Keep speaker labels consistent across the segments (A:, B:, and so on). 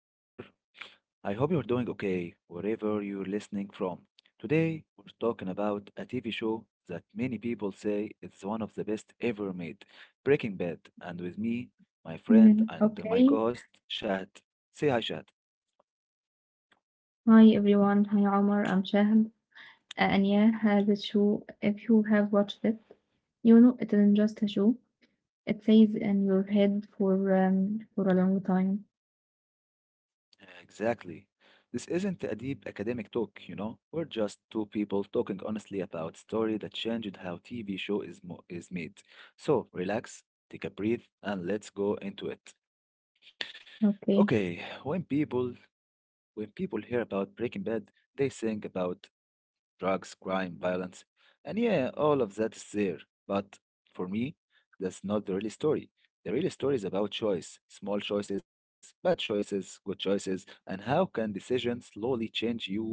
A: I'm Omar. I hope you're doing okay wherever you're listening from. Today, we're talking about a TV show that many people say is one of the best ever made, Breaking Bad. And with me, my friend
B: إمم،
A: and my co
B: okay.
A: host, Shad. Say hi, Shad.
B: Hi everyone. Hi Omar. I'm Shahab. And yeah, the show, if you have watched it, you know it isn't just a show. It stays in your head for a long time.
A: Exactly. This isn't a deep academic talk, you know? We're just two people talking honestly about story that changed how TV show is, is made. So, relax, take a breath, and let's go into it.
B: Okay.
A: Okay, when people hear about Breaking Bad, they think about drugs, crime, violence, and yeah, all of that is there. But for me, that's not the real story. The real story is about choice, small choices, bad choices, good choices, and how can decisions slowly change you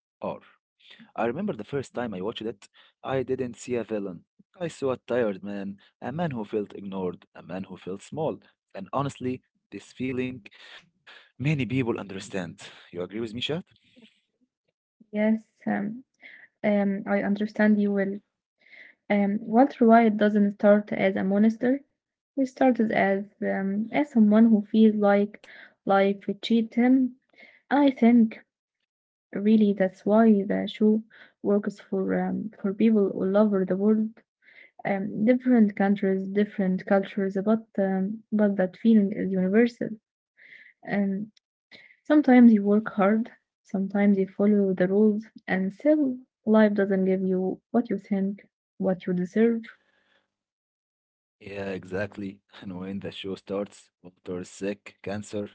A: are. I remember the first time I watched it, I didn't see a villain. I saw a tired man, a man who felt ignored, a man who felt small, and honestly, this feeling many people understand. You agree with me, Shad?
B: Yes. Um, I understand you will. Walter White doesn't start as a monster. He started as someone who feels like life cheated him. I think really, that's why the show works for people all over the world, different countries, different cultures, but that feeling is universal. And sometimes you work hard, sometimes you follow the rules, and still life doesn't give you what you think, what you deserve.
A: Yeah, exactly. And when the show starts, Walter is sick, cancer.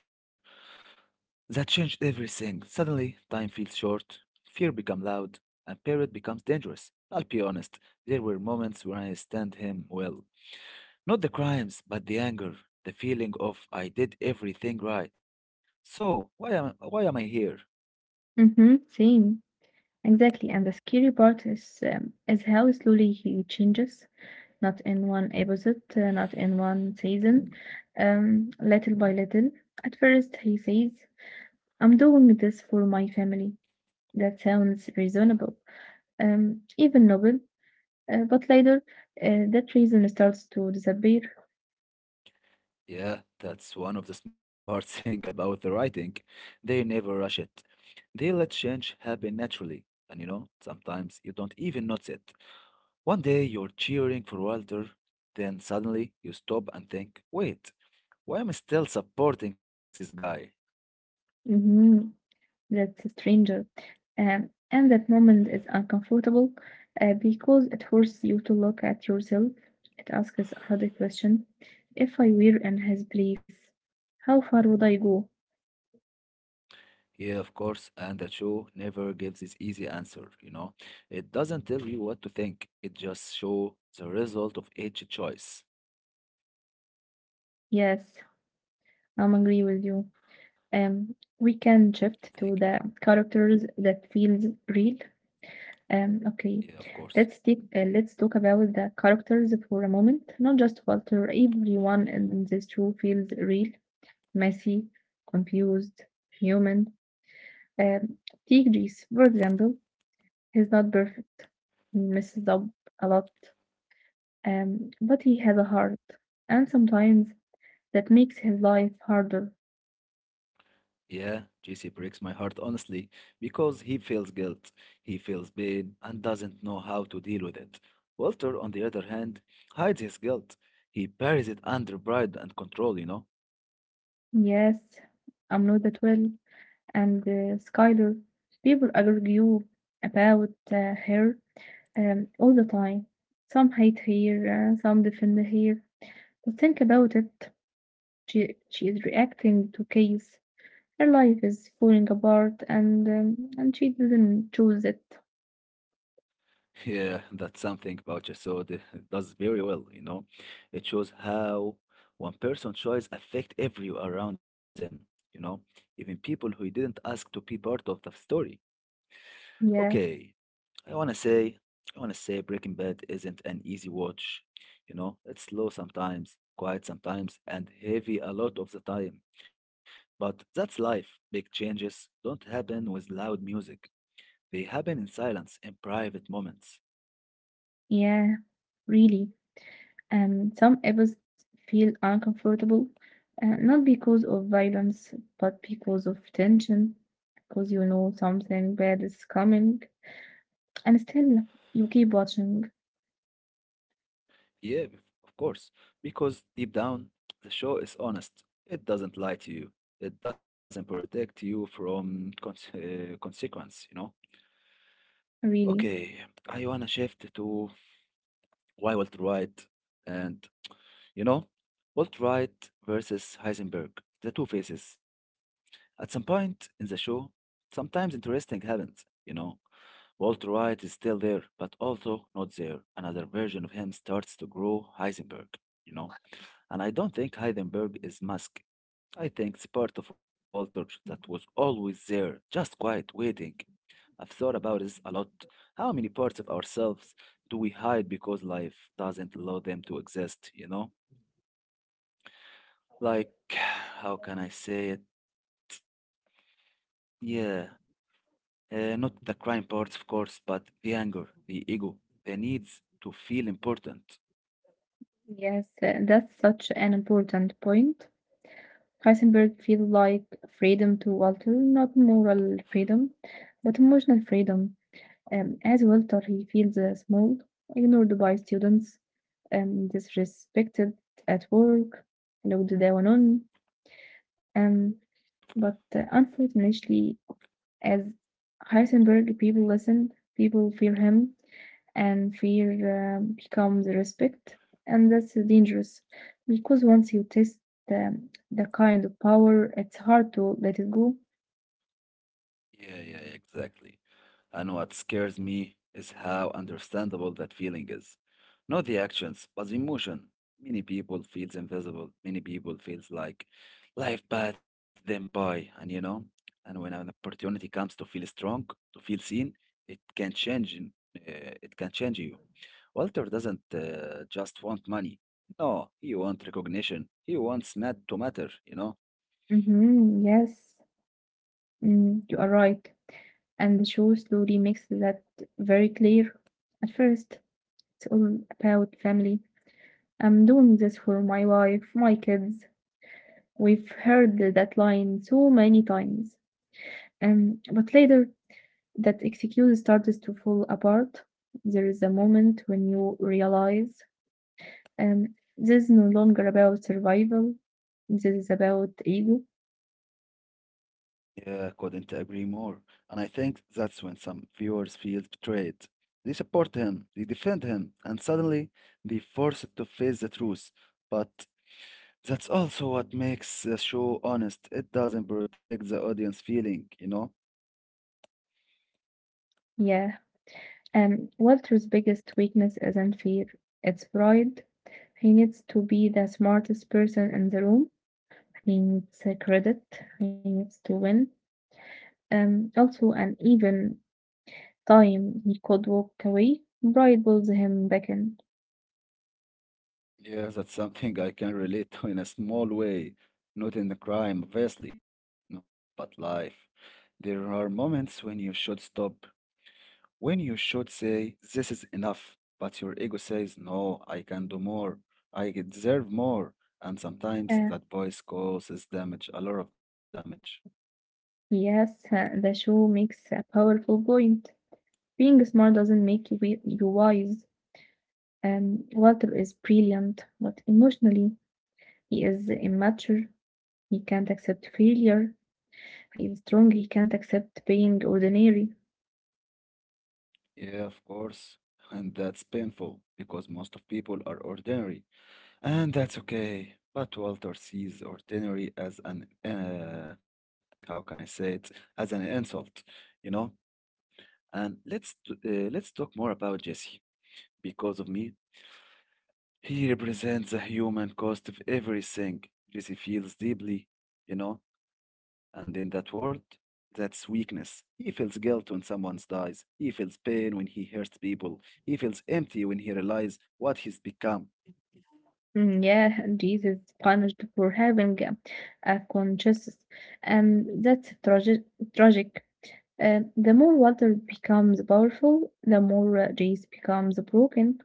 A: That changed everything. Suddenly, time feels short, fear becomes loud, and period becomes dangerous. I'll be honest, there were moments when I understand him well. Not the crimes, but the anger, the feeling of I did everything right. So why am I here?
B: Mm-hmm, same, exactly. And the scary part is how slowly he changes, not in one episode, not in one season, little by little. At first, he says, I'm doing this for my family. That sounds reasonable,
A: Yeah,
B: even noble, but later that reason starts to disappear.
A: yeah, that's one of the smart thing about the writing. They never rush it. They let change happen naturally, and you know, sometimes you don't even notice it. One day you're cheering for Walter, then suddenly you stop and think, wait, why am I still supporting this guy?
B: hmm That's stranger. And that moment is uncomfortable because it forces you to look at yourself. It asks a hard question. If I were in his place, how far would I go?
A: Yeah, of course, and the show never gives this easy answer, you know. It doesn't tell you what to think, it just shows the result of each choice.
B: Yes, I'm agree with you. We can shift to
A: Thank you.
B: the characters that feels real. Okay,
A: Yeah, of course.
B: let's take let's talk about the characters for a moment. Not just Walter. Everyone in this show feels real, messy, confused, human. Um, Take Reese for example. He's not perfect. He messes up a lot. But he has a heart, and sometimes that makes his life harder.
A: Yeah, JC breaks my heart honestly because he feels guilt, he feels pain, and doesn't know how to deal with it. Walter, on the other hand, hides his guilt. He buries it under pride and control, you know?
B: Yes, I'm not that well. And Skyler. People argue about her all the time. Some hate her, some defend her. But think about it. She is reacting to Case. Her life is falling apart, and she didn't choose it.
A: Yeah, that's something Boucher so does very well, you know? It shows how one person's choice affect everyone around them, you know? Even people who didn't ask to be part of the story.
B: Yes,
A: Okay, I wanna say, I wanna say Breaking Bad isn't an easy watch. You know, it's slow sometimes, quiet sometimes, and heavy a lot of the time. But that's life. Big changes don't happen with loud music. They happen in silence, in private moments.
B: yeah, really. Some episodes feel uncomfortable, not because of violence, but because of tension, because you know something bad is coming. And still, you keep watching,
A: Yeah, of course. Because deep down, the show is honest. It doesn't lie to you. It doesn't protect you from consequence, you know?
B: really.
A: Okay, I wanna shift to why Walter White? And you know, Walter White versus Heisenberg, the two faces. At some point in the show, sometimes interesting happens, you know. Walter White is still there, but also not there. Another version of him starts to grow Heisenberg, you know. And I don't think Heisenberg is Musk. I think it's part of Walter that was always there, just quiet, waiting. I've thought about this a lot. How many parts of ourselves do we hide because life doesn't allow them to exist, you know? Like, how can I say it? Yeah, not the crime parts, of course, but the anger, the ego, the needs to feel important.
B: Yes, that's such an important point. Heisenberg feels like freedom to Walter, not moral freedom, but emotional freedom. As Walter, he feels small, ignored by students, disrespected at work, looked down on. Um, but unfortunately, as Heisenberg, people listen, people fear him, and fear becomes respect, and that's dangerous because once you test the, the kind of power, it's hard to let it go.
A: Yeah, yeah, exactly. And what scares me is how understandable that feeling is. Not the actions, but the emotion. Many people feels invisible. Many people feels like life passed them by, and you know. And when an opportunity comes to feel strong, to feel seen, it can change. It can change you. Walter doesn't just want money. No, he wants recognition. He wants Matt to matter. You know.
B: Yes, mm, you are right. And the show slowly makes that very clear. At first, it's all about family. I'm doing this for my wife, my kids. We've heard that line so many times. But later, that excuse starts to fall apart. There is a moment when you realize um, this is no longer about survival, this is about ego.
A: Yeah, couldn't agree more. And I think that's when some viewers feel betrayed. They support him, they defend him, and suddenly they force it to face the truth. But that's also what makes the show honest. It doesn't protect the audience feeling, you know?
B: Yeah. And Walter's biggest weakness isn't fear, it's pride. He needs to be the smartest person in the room. He needs a credit. He needs to win. Also, an even time he could walk away, pride pulls him back in.
A: Yeah, that's something I can relate to in a small way. Not in the crime, obviously, no, but life. There are moments when you should stop, when you should say, this is enough, but your ego says, no, I can do more, I deserve more. And sometimes
B: Uh,
A: that voice causes damage, a lot of damage.
B: Yes, the show makes a powerful point. Being smart doesn't make you, you wise. Walter is brilliant, but emotionally, he is immature. He can't accept failure. He is strong. He can't accept being ordinary.
A: Yeah, of course. And that's painful because most of people are ordinary. And that's okay. But Walter sees ordinary as how can I say it, as an insult, you know? And let's talk more about Jesse. Because of me, he represents the human cost of everything. Jesse feels deeply, you know? And in that world, that's weakness. He feels guilt when someone dies. He feels pain when he hurts people. He feels empty when he realizes what he's become.
B: Mm, yeah, Jesus punished for having a conscience, and that's tragic. Tragic. The more Walter becomes powerful, the more Jace becomes broken.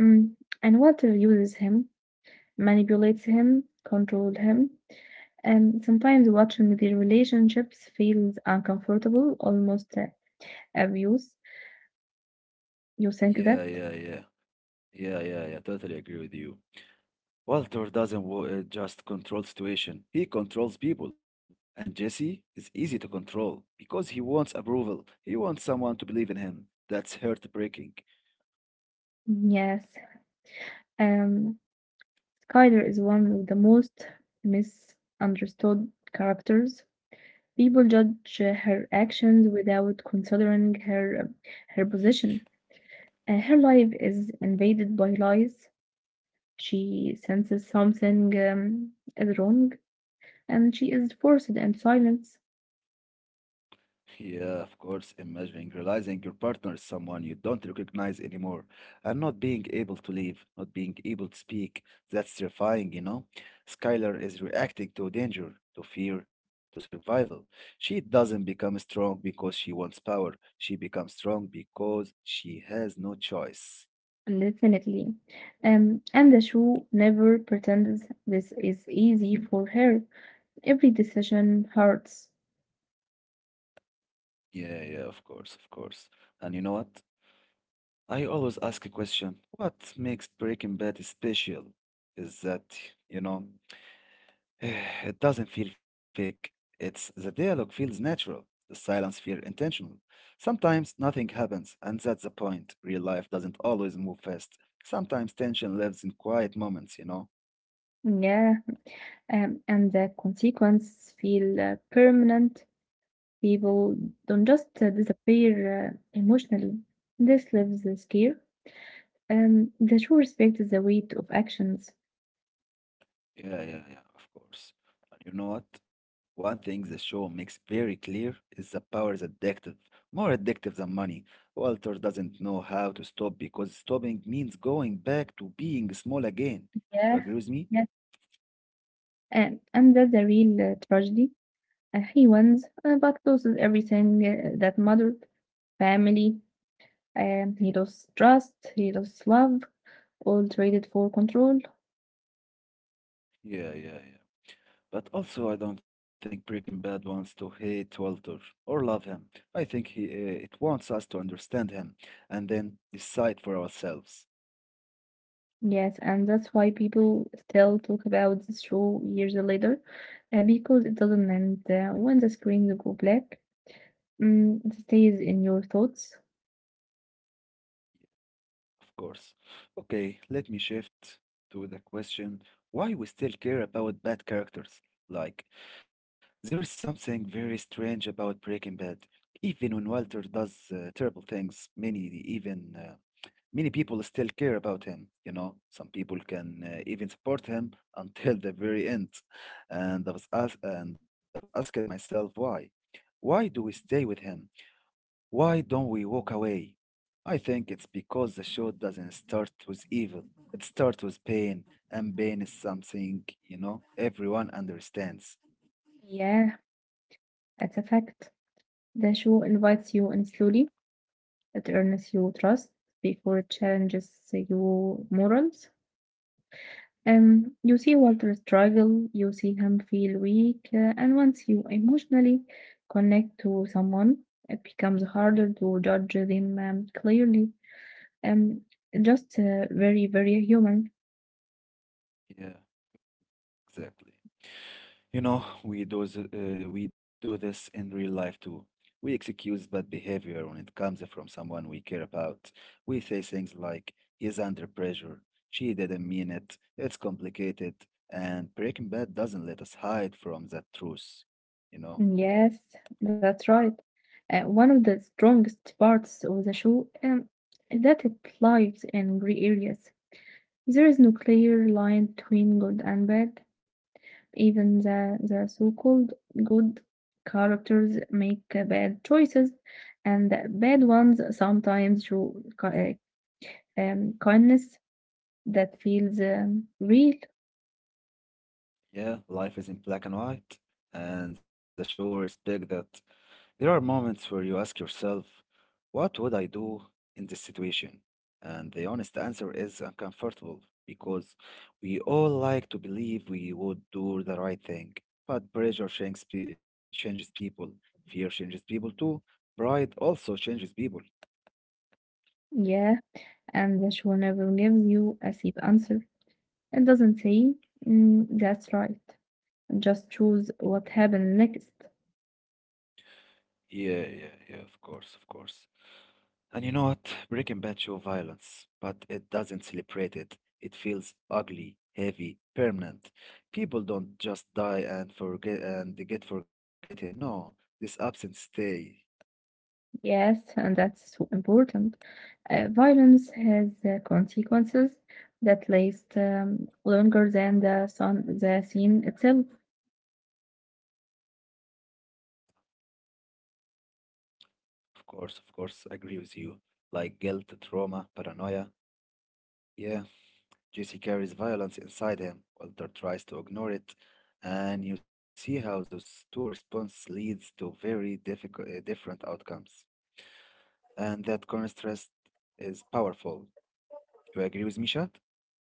B: Mm, and Walter uses him, manipulates him, controlled him. And sometimes watching the relationships feels uncomfortable, almost abuse. You think
A: Yeah,
B: that?
A: yeah, yeah. Yeah, yeah, yeah. Totally agree with you. Walter doesn't just control situation. He controls people. And Jesse is easy to control because he wants approval. He wants someone to believe in him. That's heartbreaking.
B: Yes. Um, Skyler is one of the most misunderstood characters. People judge her actions without considering her position. Her life is invaded by lies. She senses something is wrong, and she is forced and silent.
A: Yeah, of course. Imagining realizing your partner is someone you don't recognize anymore and not being able to leave, not being able to speak, that's terrifying, you know? Skylar is reacting to danger, to fear, to survival. She doesn't become strong because she wants power. She becomes strong because she has no choice.
B: Definitely. And the show never pretends this is easy for her. Every decision hurts.
A: Yeah, of course. And you know what? I always ask a question. What makes Breaking Bad special? Is that, you know? It doesn't feel fake. It's the dialogue feels natural, the silence feels intentional. Sometimes nothing happens, and that's the point. Real life doesn't always move fast. Sometimes tension lives in quiet moments, you know?
B: Yeah. And the consequences feel permanent. People don't just disappear emotionally. This leaves the scare. The show respects the weight of actions.
A: Yeah, of course. And you know what? One thing the show makes very clear is that power is addictive, more addictive than money. Walter doesn't know how to stop because stopping means going back to being small again. You
B: Yeah.
A: agree with me?
B: Yeah. And that's a real tragedy. He wins, but loses everything that mattered, family, and he lost trust, he lost love, all traded for control.
A: Yeah. But also, I don't think Breaking Bad wants to hate Walter or love him. I think it wants us to understand him and then decide for ourselves.
B: Yes, and that's why people still talk about this show years later, because it doesn't end. When the screens go black, mm, it stays in your thoughts.
A: Of course. Okay, let me shift to the question why we still care about bad characters. Like, there is something very strange about Breaking Bad. Even when Walter does terrible things, even uh, many people still care about him. You know, some people can even support him until the very end. And I was asked, and I've asked myself why. Why do we stay with him? Why don't we walk away? I think it's because the show doesn't start with evil. It starts with pain, and pain is something, you know, everyone understands.
B: Yeah, it's a fact. The show invites you in
A: Yeah,
B: slowly, it earns you trust before it challenges your morals. You see
A: yeah,
B: Walter struggle, you see him feel weak, and once you emotionally connect to someone, it becomes harder to judge them clearly. Um, just very, very human.
A: yeah, exactly. You know, we do this in real life too. We excuse bad behavior when it comes from someone we care about. We say things like, he's under pressure, she didn't mean it, it's complicated, and Breaking Bad doesn't let us hide from that truth, you know?
B: Yes, that's right. One of the strongest parts of the show is that it lies in gray areas. There is no clear line between good and bad. Even the so-called good characters make bad choices, and the bad ones sometimes show ki- kindness that feels real.
A: Yeah, life is in black and white, and the show respect that. There are moments where you ask yourself, what would I do in this situation? And the honest answer is uncomfortable because we all like to believe we would do the right thing, but changes people, fear changes people too, pride also changes people.
B: Yeah, and the show never gives you a safe answer. It doesn't say, mm, that's right. Just choose what happened next.
A: Yeah, of course. And you know what? Breaking Bad shows violence, but it doesn't celebrate it. It feels ugly, heavy, permanent. People don't just die and forget and they get forgotten. No, this absence stay.
B: Yes, and that's so important. Violence has consequences that last longer than the sun, the scene itself.
A: Of course, I agree with you. Like guilt, trauma, paranoia. Yeah, Jesse carries violence inside him. Walter tries to ignore it, and you see how those two responses leads to very difficult, different outcomes. And that contrast is powerful. You agree with me, Shad?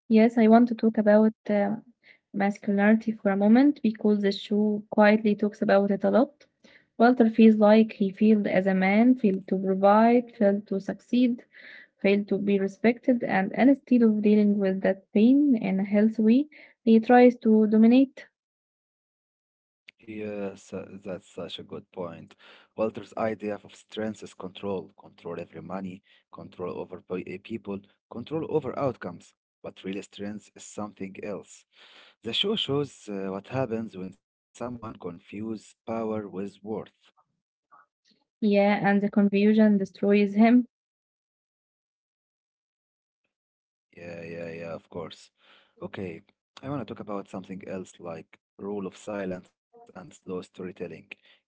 B: Yes, I want to talk about masculinity for a moment because the show quietly talks about it a lot. Walter feels like he failed as a man, failed to provide, failed to succeed, failed to be respected, and instead of dealing with that pain in a healthy way, he tries to dominate.
A: Yes, that's such a good point. Walter's idea of strength is control, control over money, control over people, control over outcomes. But real strength is something else. The show shows what happens when someone confuses power with worth.
B: Yeah, and the confusion destroys him.
A: Yeah, of course. Okay, I want to talk about something else like rule of silence and slow storytelling. You know,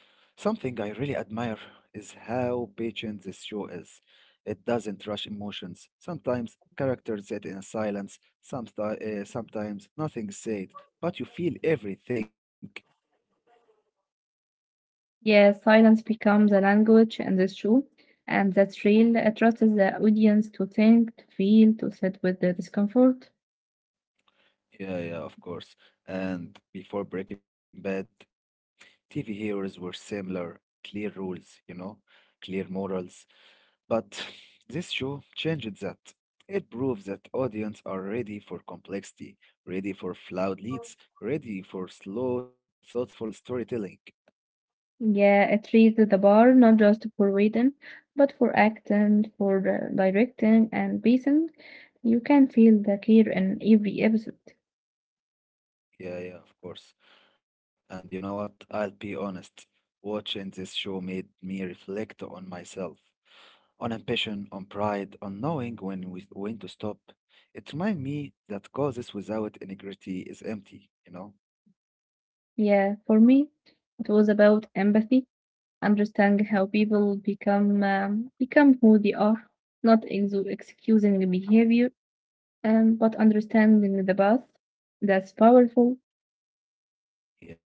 A: something I really admire is how patient this show is. It doesn't rush emotions. Sometimes characters sit in silence, sometimes nothing is said, but you feel everything.
B: Yeah, silence becomes a language, and it's true. And that's real. It trusts the audience to think, to feel, to sit with the discomfort.
A: Yeah, of course. And before Breaking Bad, TV heroes were similar. Clear rules, you know, clear morals. But this show changed that. It proves that audience are ready for complexity, ready for flawed leads, ready for slow, thoughtful storytelling.
B: Yeah, it raised the bar not just for reading, but for acting, for directing and pacing. You can feel the care in every episode.
A: Yeah, of course. And you know what? I'll be honest. Watching this show made me reflect on myself, on ambition, on pride, on knowing when to stop. It reminded me that causes without integrity is empty, you know?
B: Yeah, for me, it was about empathy, understanding how people become become who they are, not exu excusing the behavior, but understanding the path. That's powerful.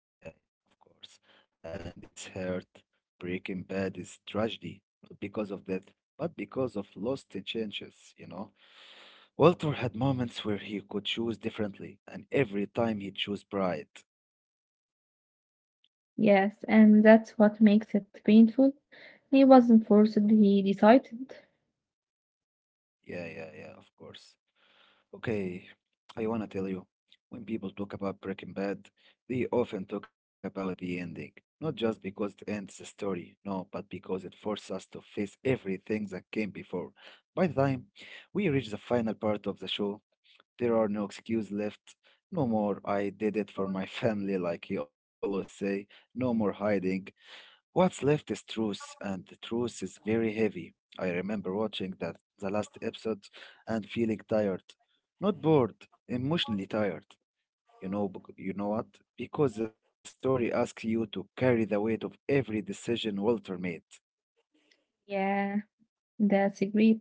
A: Yeah, of course. And it's hurt. Breaking Bad is tragedy, not because of death, but because of lost chances, you know? Walter had moments where he could choose differently, and every time he chose pride.
B: Yes, and that's what makes it painful. He wasn't forced, he decided.
A: Yeah, yeah, yeah, of course. Okay, I wanna tell you, when people talk about Breaking Bad, they often talk about the ending. Not just because it ends the story, no, but because it forces us to face everything that came before. By the time we reach the final part of the show, there are no excuses left. No more I did it for my family like you always say, no more hiding. What's left is truth, and the truth is very heavy. I remember watching that the last episode and feeling tired. Not bored, emotionally tired. You know what? Because the story asks you to carry the weight of every decision Walter made.
B: Yeah. That's great.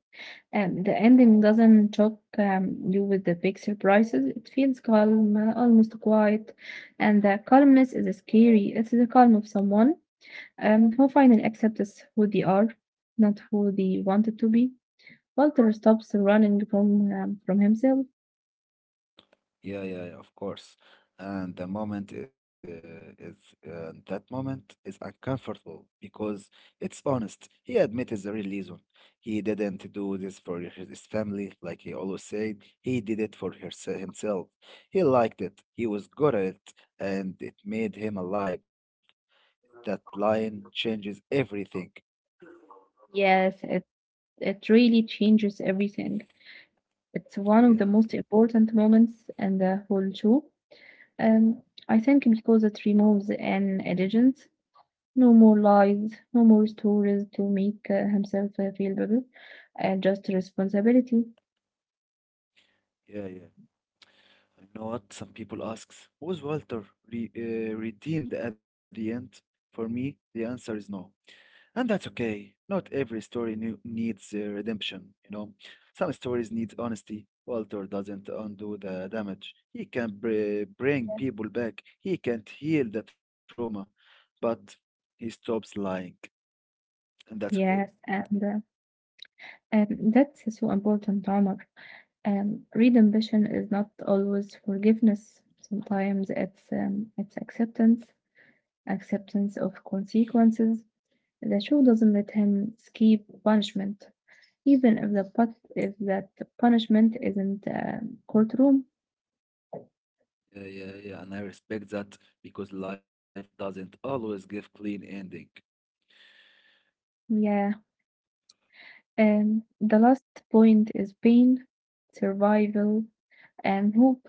B: And the ending doesn't shock you with the big surprises. It feels calm, almost quiet. And the calmness is scary. It's the calm of someone who finally accepts who they are, not who they wanted to be. Walter stops running from himself.
A: Yeah, yeah, yeah, of course. And the is moment is uncomfortable because it's honest. He admits the real reason. He didn't do this for his family, like he always said. He did it for his himself. He liked it. He was good at it, and it made him alive. That line changes everything.
B: Yes, it really changes everything. It's one of the
A: Yeah,
B: most important moments in the whole show. Um, I think because it removes an illusion. No more lies, no more stories to make himself feel better, just responsibility.
A: yeah, yeah. You know what? Some people asks, was Walter re redeemed at the end? For me, the answer is no. And that's okay. Not every story new needs redemption, you know. Some stories need honesty. Walter doesn't undo the damage. He can bring
B: Yes.
A: people back. He can't heal the trauma, but he stops lying, and that's okay.
B: Yes, and um, that's so important, Omar. Read ambition is not always forgiveness. Sometimes it's acceptance, acceptance of consequences. The show doesn't let him escape punishment, even if the put if that punishment isn't a courtroom.
A: Yeah, yeah, yeah. And I respect that because life doesn't always give clean ending.
B: Yeah. And the last point is pain, survival, and hope.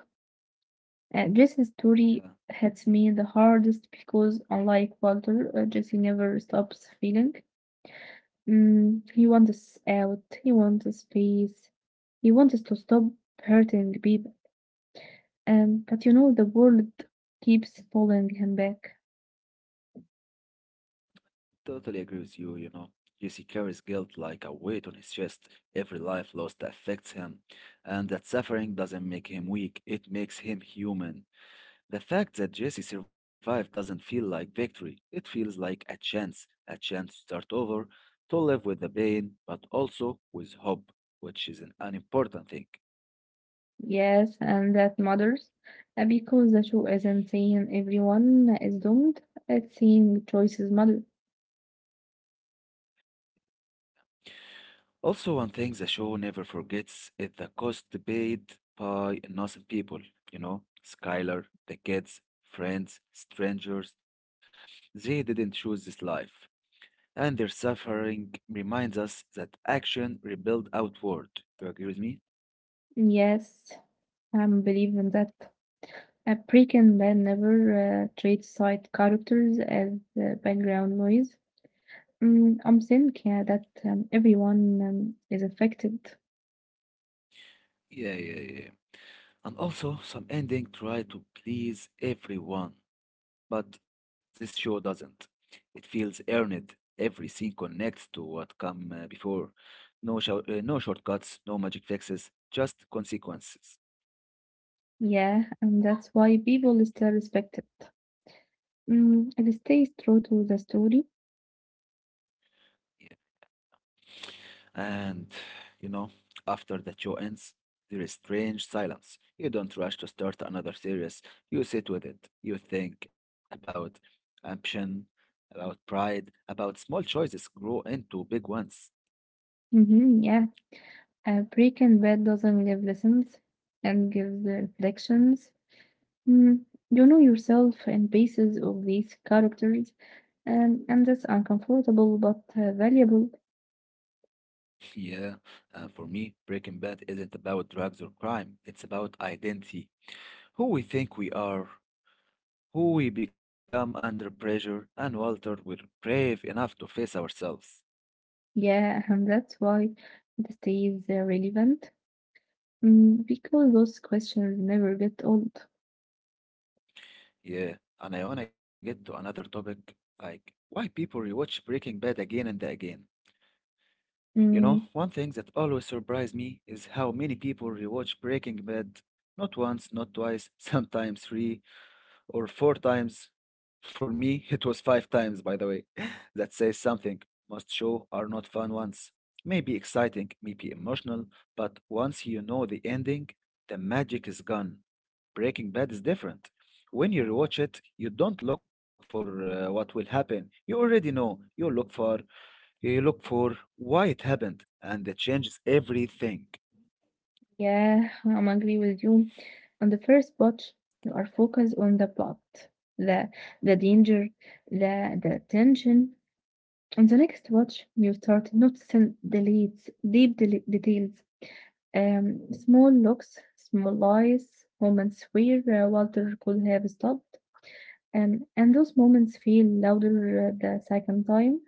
B: Jesse's story
A: Yeah.
B: hits me the hardest because, unlike Walter, Jesse never stops feeling. Mm, he wants out, he wants space, he wants to stop hurting people. And but you know, the world keeps pulling him back.
A: Totally agree with you, you know. Jesse carries guilt like a weight on his chest. Every life lost affects him, and that suffering doesn't make him weak, it makes him human. The fact that Jesse survived doesn't feel like victory, it feels like a chance to start over, to live with the pain, but also with hope, which is an important thing.
B: Yes, and that matters because the show isn't saying everyone is doomed, it's saying choices matter.
A: Also, one thing the show never forgets is the cost paid by innocent people. You know, Skylar, the kids, friends, strangers, they didn't choose this life. And their suffering reminds us that action rebuilds outward. Do you agree with me?
B: Yes, I am believing that. A Breaking Bad never treats side characters as background noise. Mm, I'm thinking that everyone is affected.
A: Yeah, yeah, yeah. And also, some ending try to please everyone. But this show doesn't. It feels earned. Every scene connects to what come before. No shortcuts, no magic fixes, just consequences.
B: Yeah, and that's why people still respect it. Mm, it stays true to the story.
A: Yeah. And you know, after the show ends, there is strange silence. You don't rush to start another series. You sit with it. You think about ambition, about pride, about small choices grow into big ones.
B: Mm-hmm, yeah, Breaking Bad doesn't give lessons and gives the reflections. Mm, you know yourself in basis of these characters, and that's uncomfortable but valuable.
A: Yeah, for me, Breaking Bad isn't about drugs or crime. It's about identity, who we think we are, who we become under pressure, and Walter, we're brave enough to face ourselves.
B: Yeah, and that's why it stays relevant. Mm, because those questions never get old.
A: Yeah, and I wanna get to another topic, like why people rewatch Breaking Bad again and again. You know,
B: Mm,
A: one thing that always surprised me is how many people rewatch Breaking Bad not once, not twice, sometimes three, or four times. For me, it was five times, by the way. That says something. Most show are not fun ones. Maybe exciting, maybe emotional, but once you know the ending, the magic is gone. Breaking Bad is different. When you rewatch it, you don't look for what will happen. You already know. You look for why it happened, and it changes everything.
B: yeah, I'm agree with you. On the first watch, you are focused on the plot, the the danger, the tension. On the next watch, you start noticing details, small looks, small lies, moments where Walter could have stopped, and those moments feel louder the second time.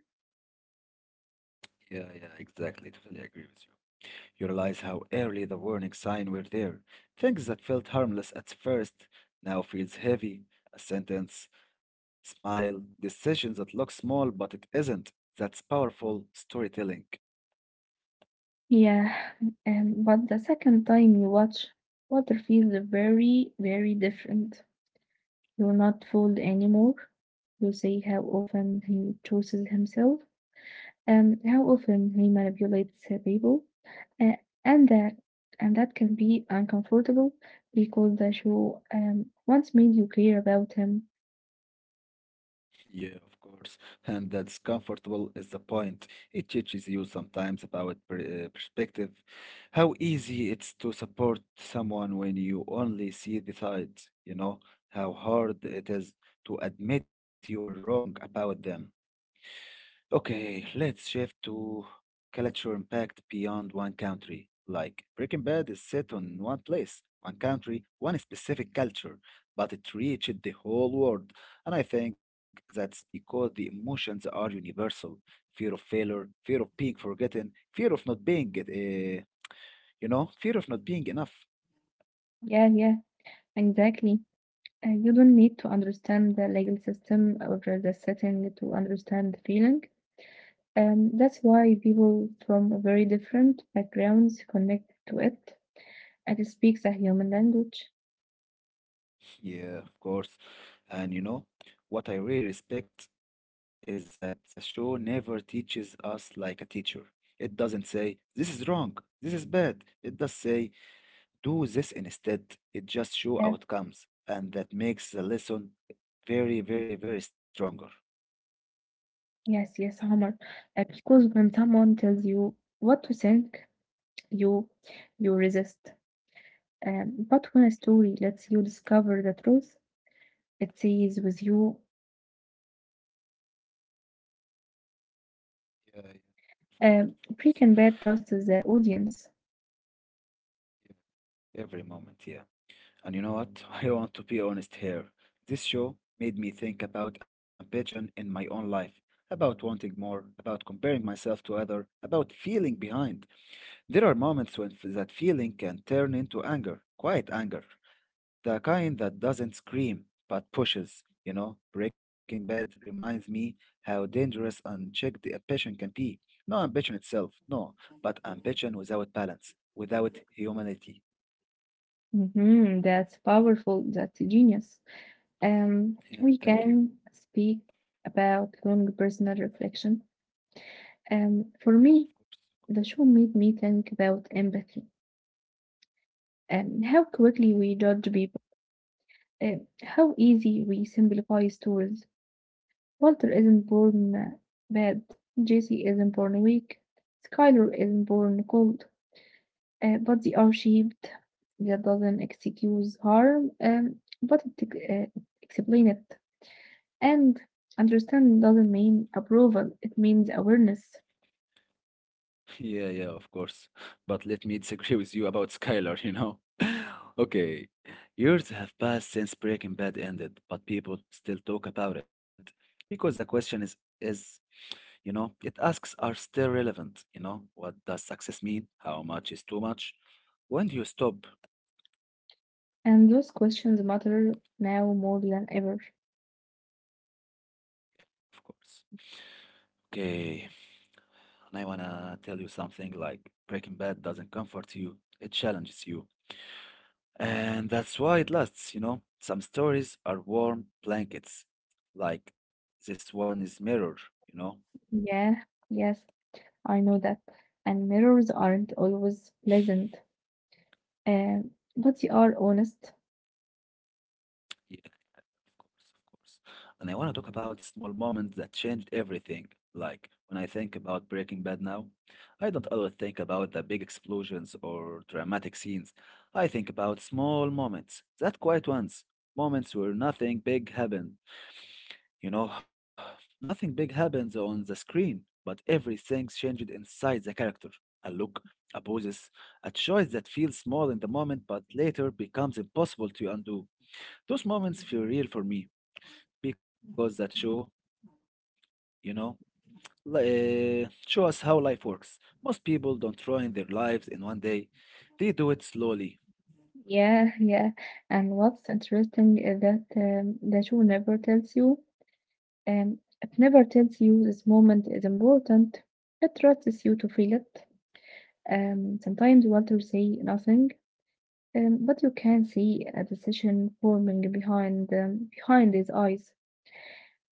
A: Yeah, yeah, exactly. Totally agree with you. You realize how early the warning signs were there. Things that felt harmless at first now feels heavy. A sentence, smile, decisions that look small but it isn't. That's powerful storytelling.
B: Yeah, and but the second time you watch, water feels very, very different. You're not fooled anymore. You see how often he chooses himself, and how often he manipulates the people, uh, and that can be uncomfortable because the show once made you clear about him.
A: Yeah, of course. And that's comfortable is the point. It teaches you sometimes about perspective, how easy it's to support someone when you only see the sides, you know, how hard it is to admit you are wrong about them. Okay, let's shift to culture impact beyond one country. Like Breaking Bad is set on one place, one country, one specific culture, but it reached the whole world. And I think that's because the emotions are universal. Fear of failure, fear of being forgotten, fear of not being, you know, fear of not being enough.
B: Yeah, yeah, exactly. You don't need to understand the legal system or the setting to understand the feeling. That's why people from very different backgrounds connect to it and it speaks a human language.
A: Yeah, of course. And you know, what I really respect is that the show never teaches us like a teacher. It doesn't say, this is wrong, this is bad. It does say, do this instead. It just show
B: Yeah,
A: outcomes. And that makes the lesson very, very, very stronger.
B: yes, yes, Omar. Because when someone tells you what to think, you you resist. But when a story lets you discover the truth, it stays with you.
A: Yeah, yeah, of course, of course.
B: Pre and bad trust the audience.
A: Yeah, every moment, yeah. And you know what? I want to be honest here. This show made me think about ambition in my own life, about wanting more, about comparing myself to other, about feeling behind. There are moments that feeling can turn into anger, quiet anger, the kind that doesn't scream but pushes. You know, Breaking Bad reminds me how dangerous unchecked ambition can be. No ambition itself, no, but ambition without balance, without humanity.
B: That's powerful. That's genius.
A: Yeah,
B: We
A: thank you.
B: can speak about long personal reflection. For
A: Of
B: me,
A: course.
B: the show made me think about empathy and how quickly we judge people, how easy we simplify stories. Walter isn't born bad, Jesse isn't born weak, Skylar isn't born cold, but they are shaped. That doesn't excuse harm, but it explain it. And understanding doesn't mean approval, it means awareness.
A: Yeah, yeah, of course. But let me disagree with you about Skylar, you know? Okay, years have passed since Breaking Bad ended, but people still talk about it because the you know, it asks are still relevant, you know? What does success mean? How much is too much? When do you stop?
B: And those questions matter now more than ever.
A: Of course. Okay, and I wanna tell you something like Breaking Bad doesn't comfort you, it challenges you. And that's why it lasts, you know. Some stories are warm blankets, like this one is Mirror, you know?
B: Yeah, yes, I know that. And mirrors aren't always pleasant, um, but they are honest.
A: Yeah, of course, of course. And I want to talk about small moments that changed everything. Like when I think about Breaking Bad now, I don't always think about the big explosions or dramatic scenes. I think about small moments, that quiet ones, moments where nothing big happened. You know, nothing big happens on the screen, but everything's changed inside the character. A look, a poses, a choice that feels small in the moment but later becomes impossible to undo. Those moments feel real for me because that show, you know, show us how life works. Most people don't ruin their lives in one day. They do it slowly.
B: Yeah, yeah. And what's interesting is that the show never tells you, it never tells you this moment is important. It trusts you to feel it. Sometimes you want to say nothing, but you can see a decision forming behind behind his eyes.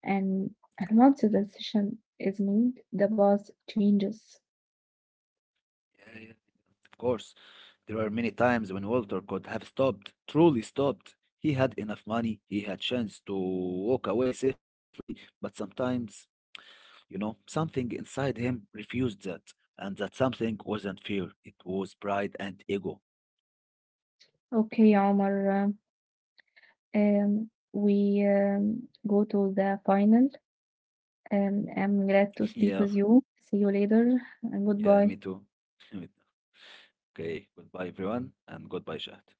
B: And once the decision is made, the path changes.
A: Yeah, yeah, yeah, of course. There were many times when Walter could have stopped, truly stopped. He had enough money, he had chance to walk away safely, but sometimes, you know, something inside him refused that. And that something wasn't fear, it was pride and ego.
B: Okay, Omar. We go to the final. I'm glad to
A: Yeah,
B: speak with you. See you later and
A: yeah, me
B: goodbye.
A: too. Okay, goodbye everyone, and goodbye, Shahd.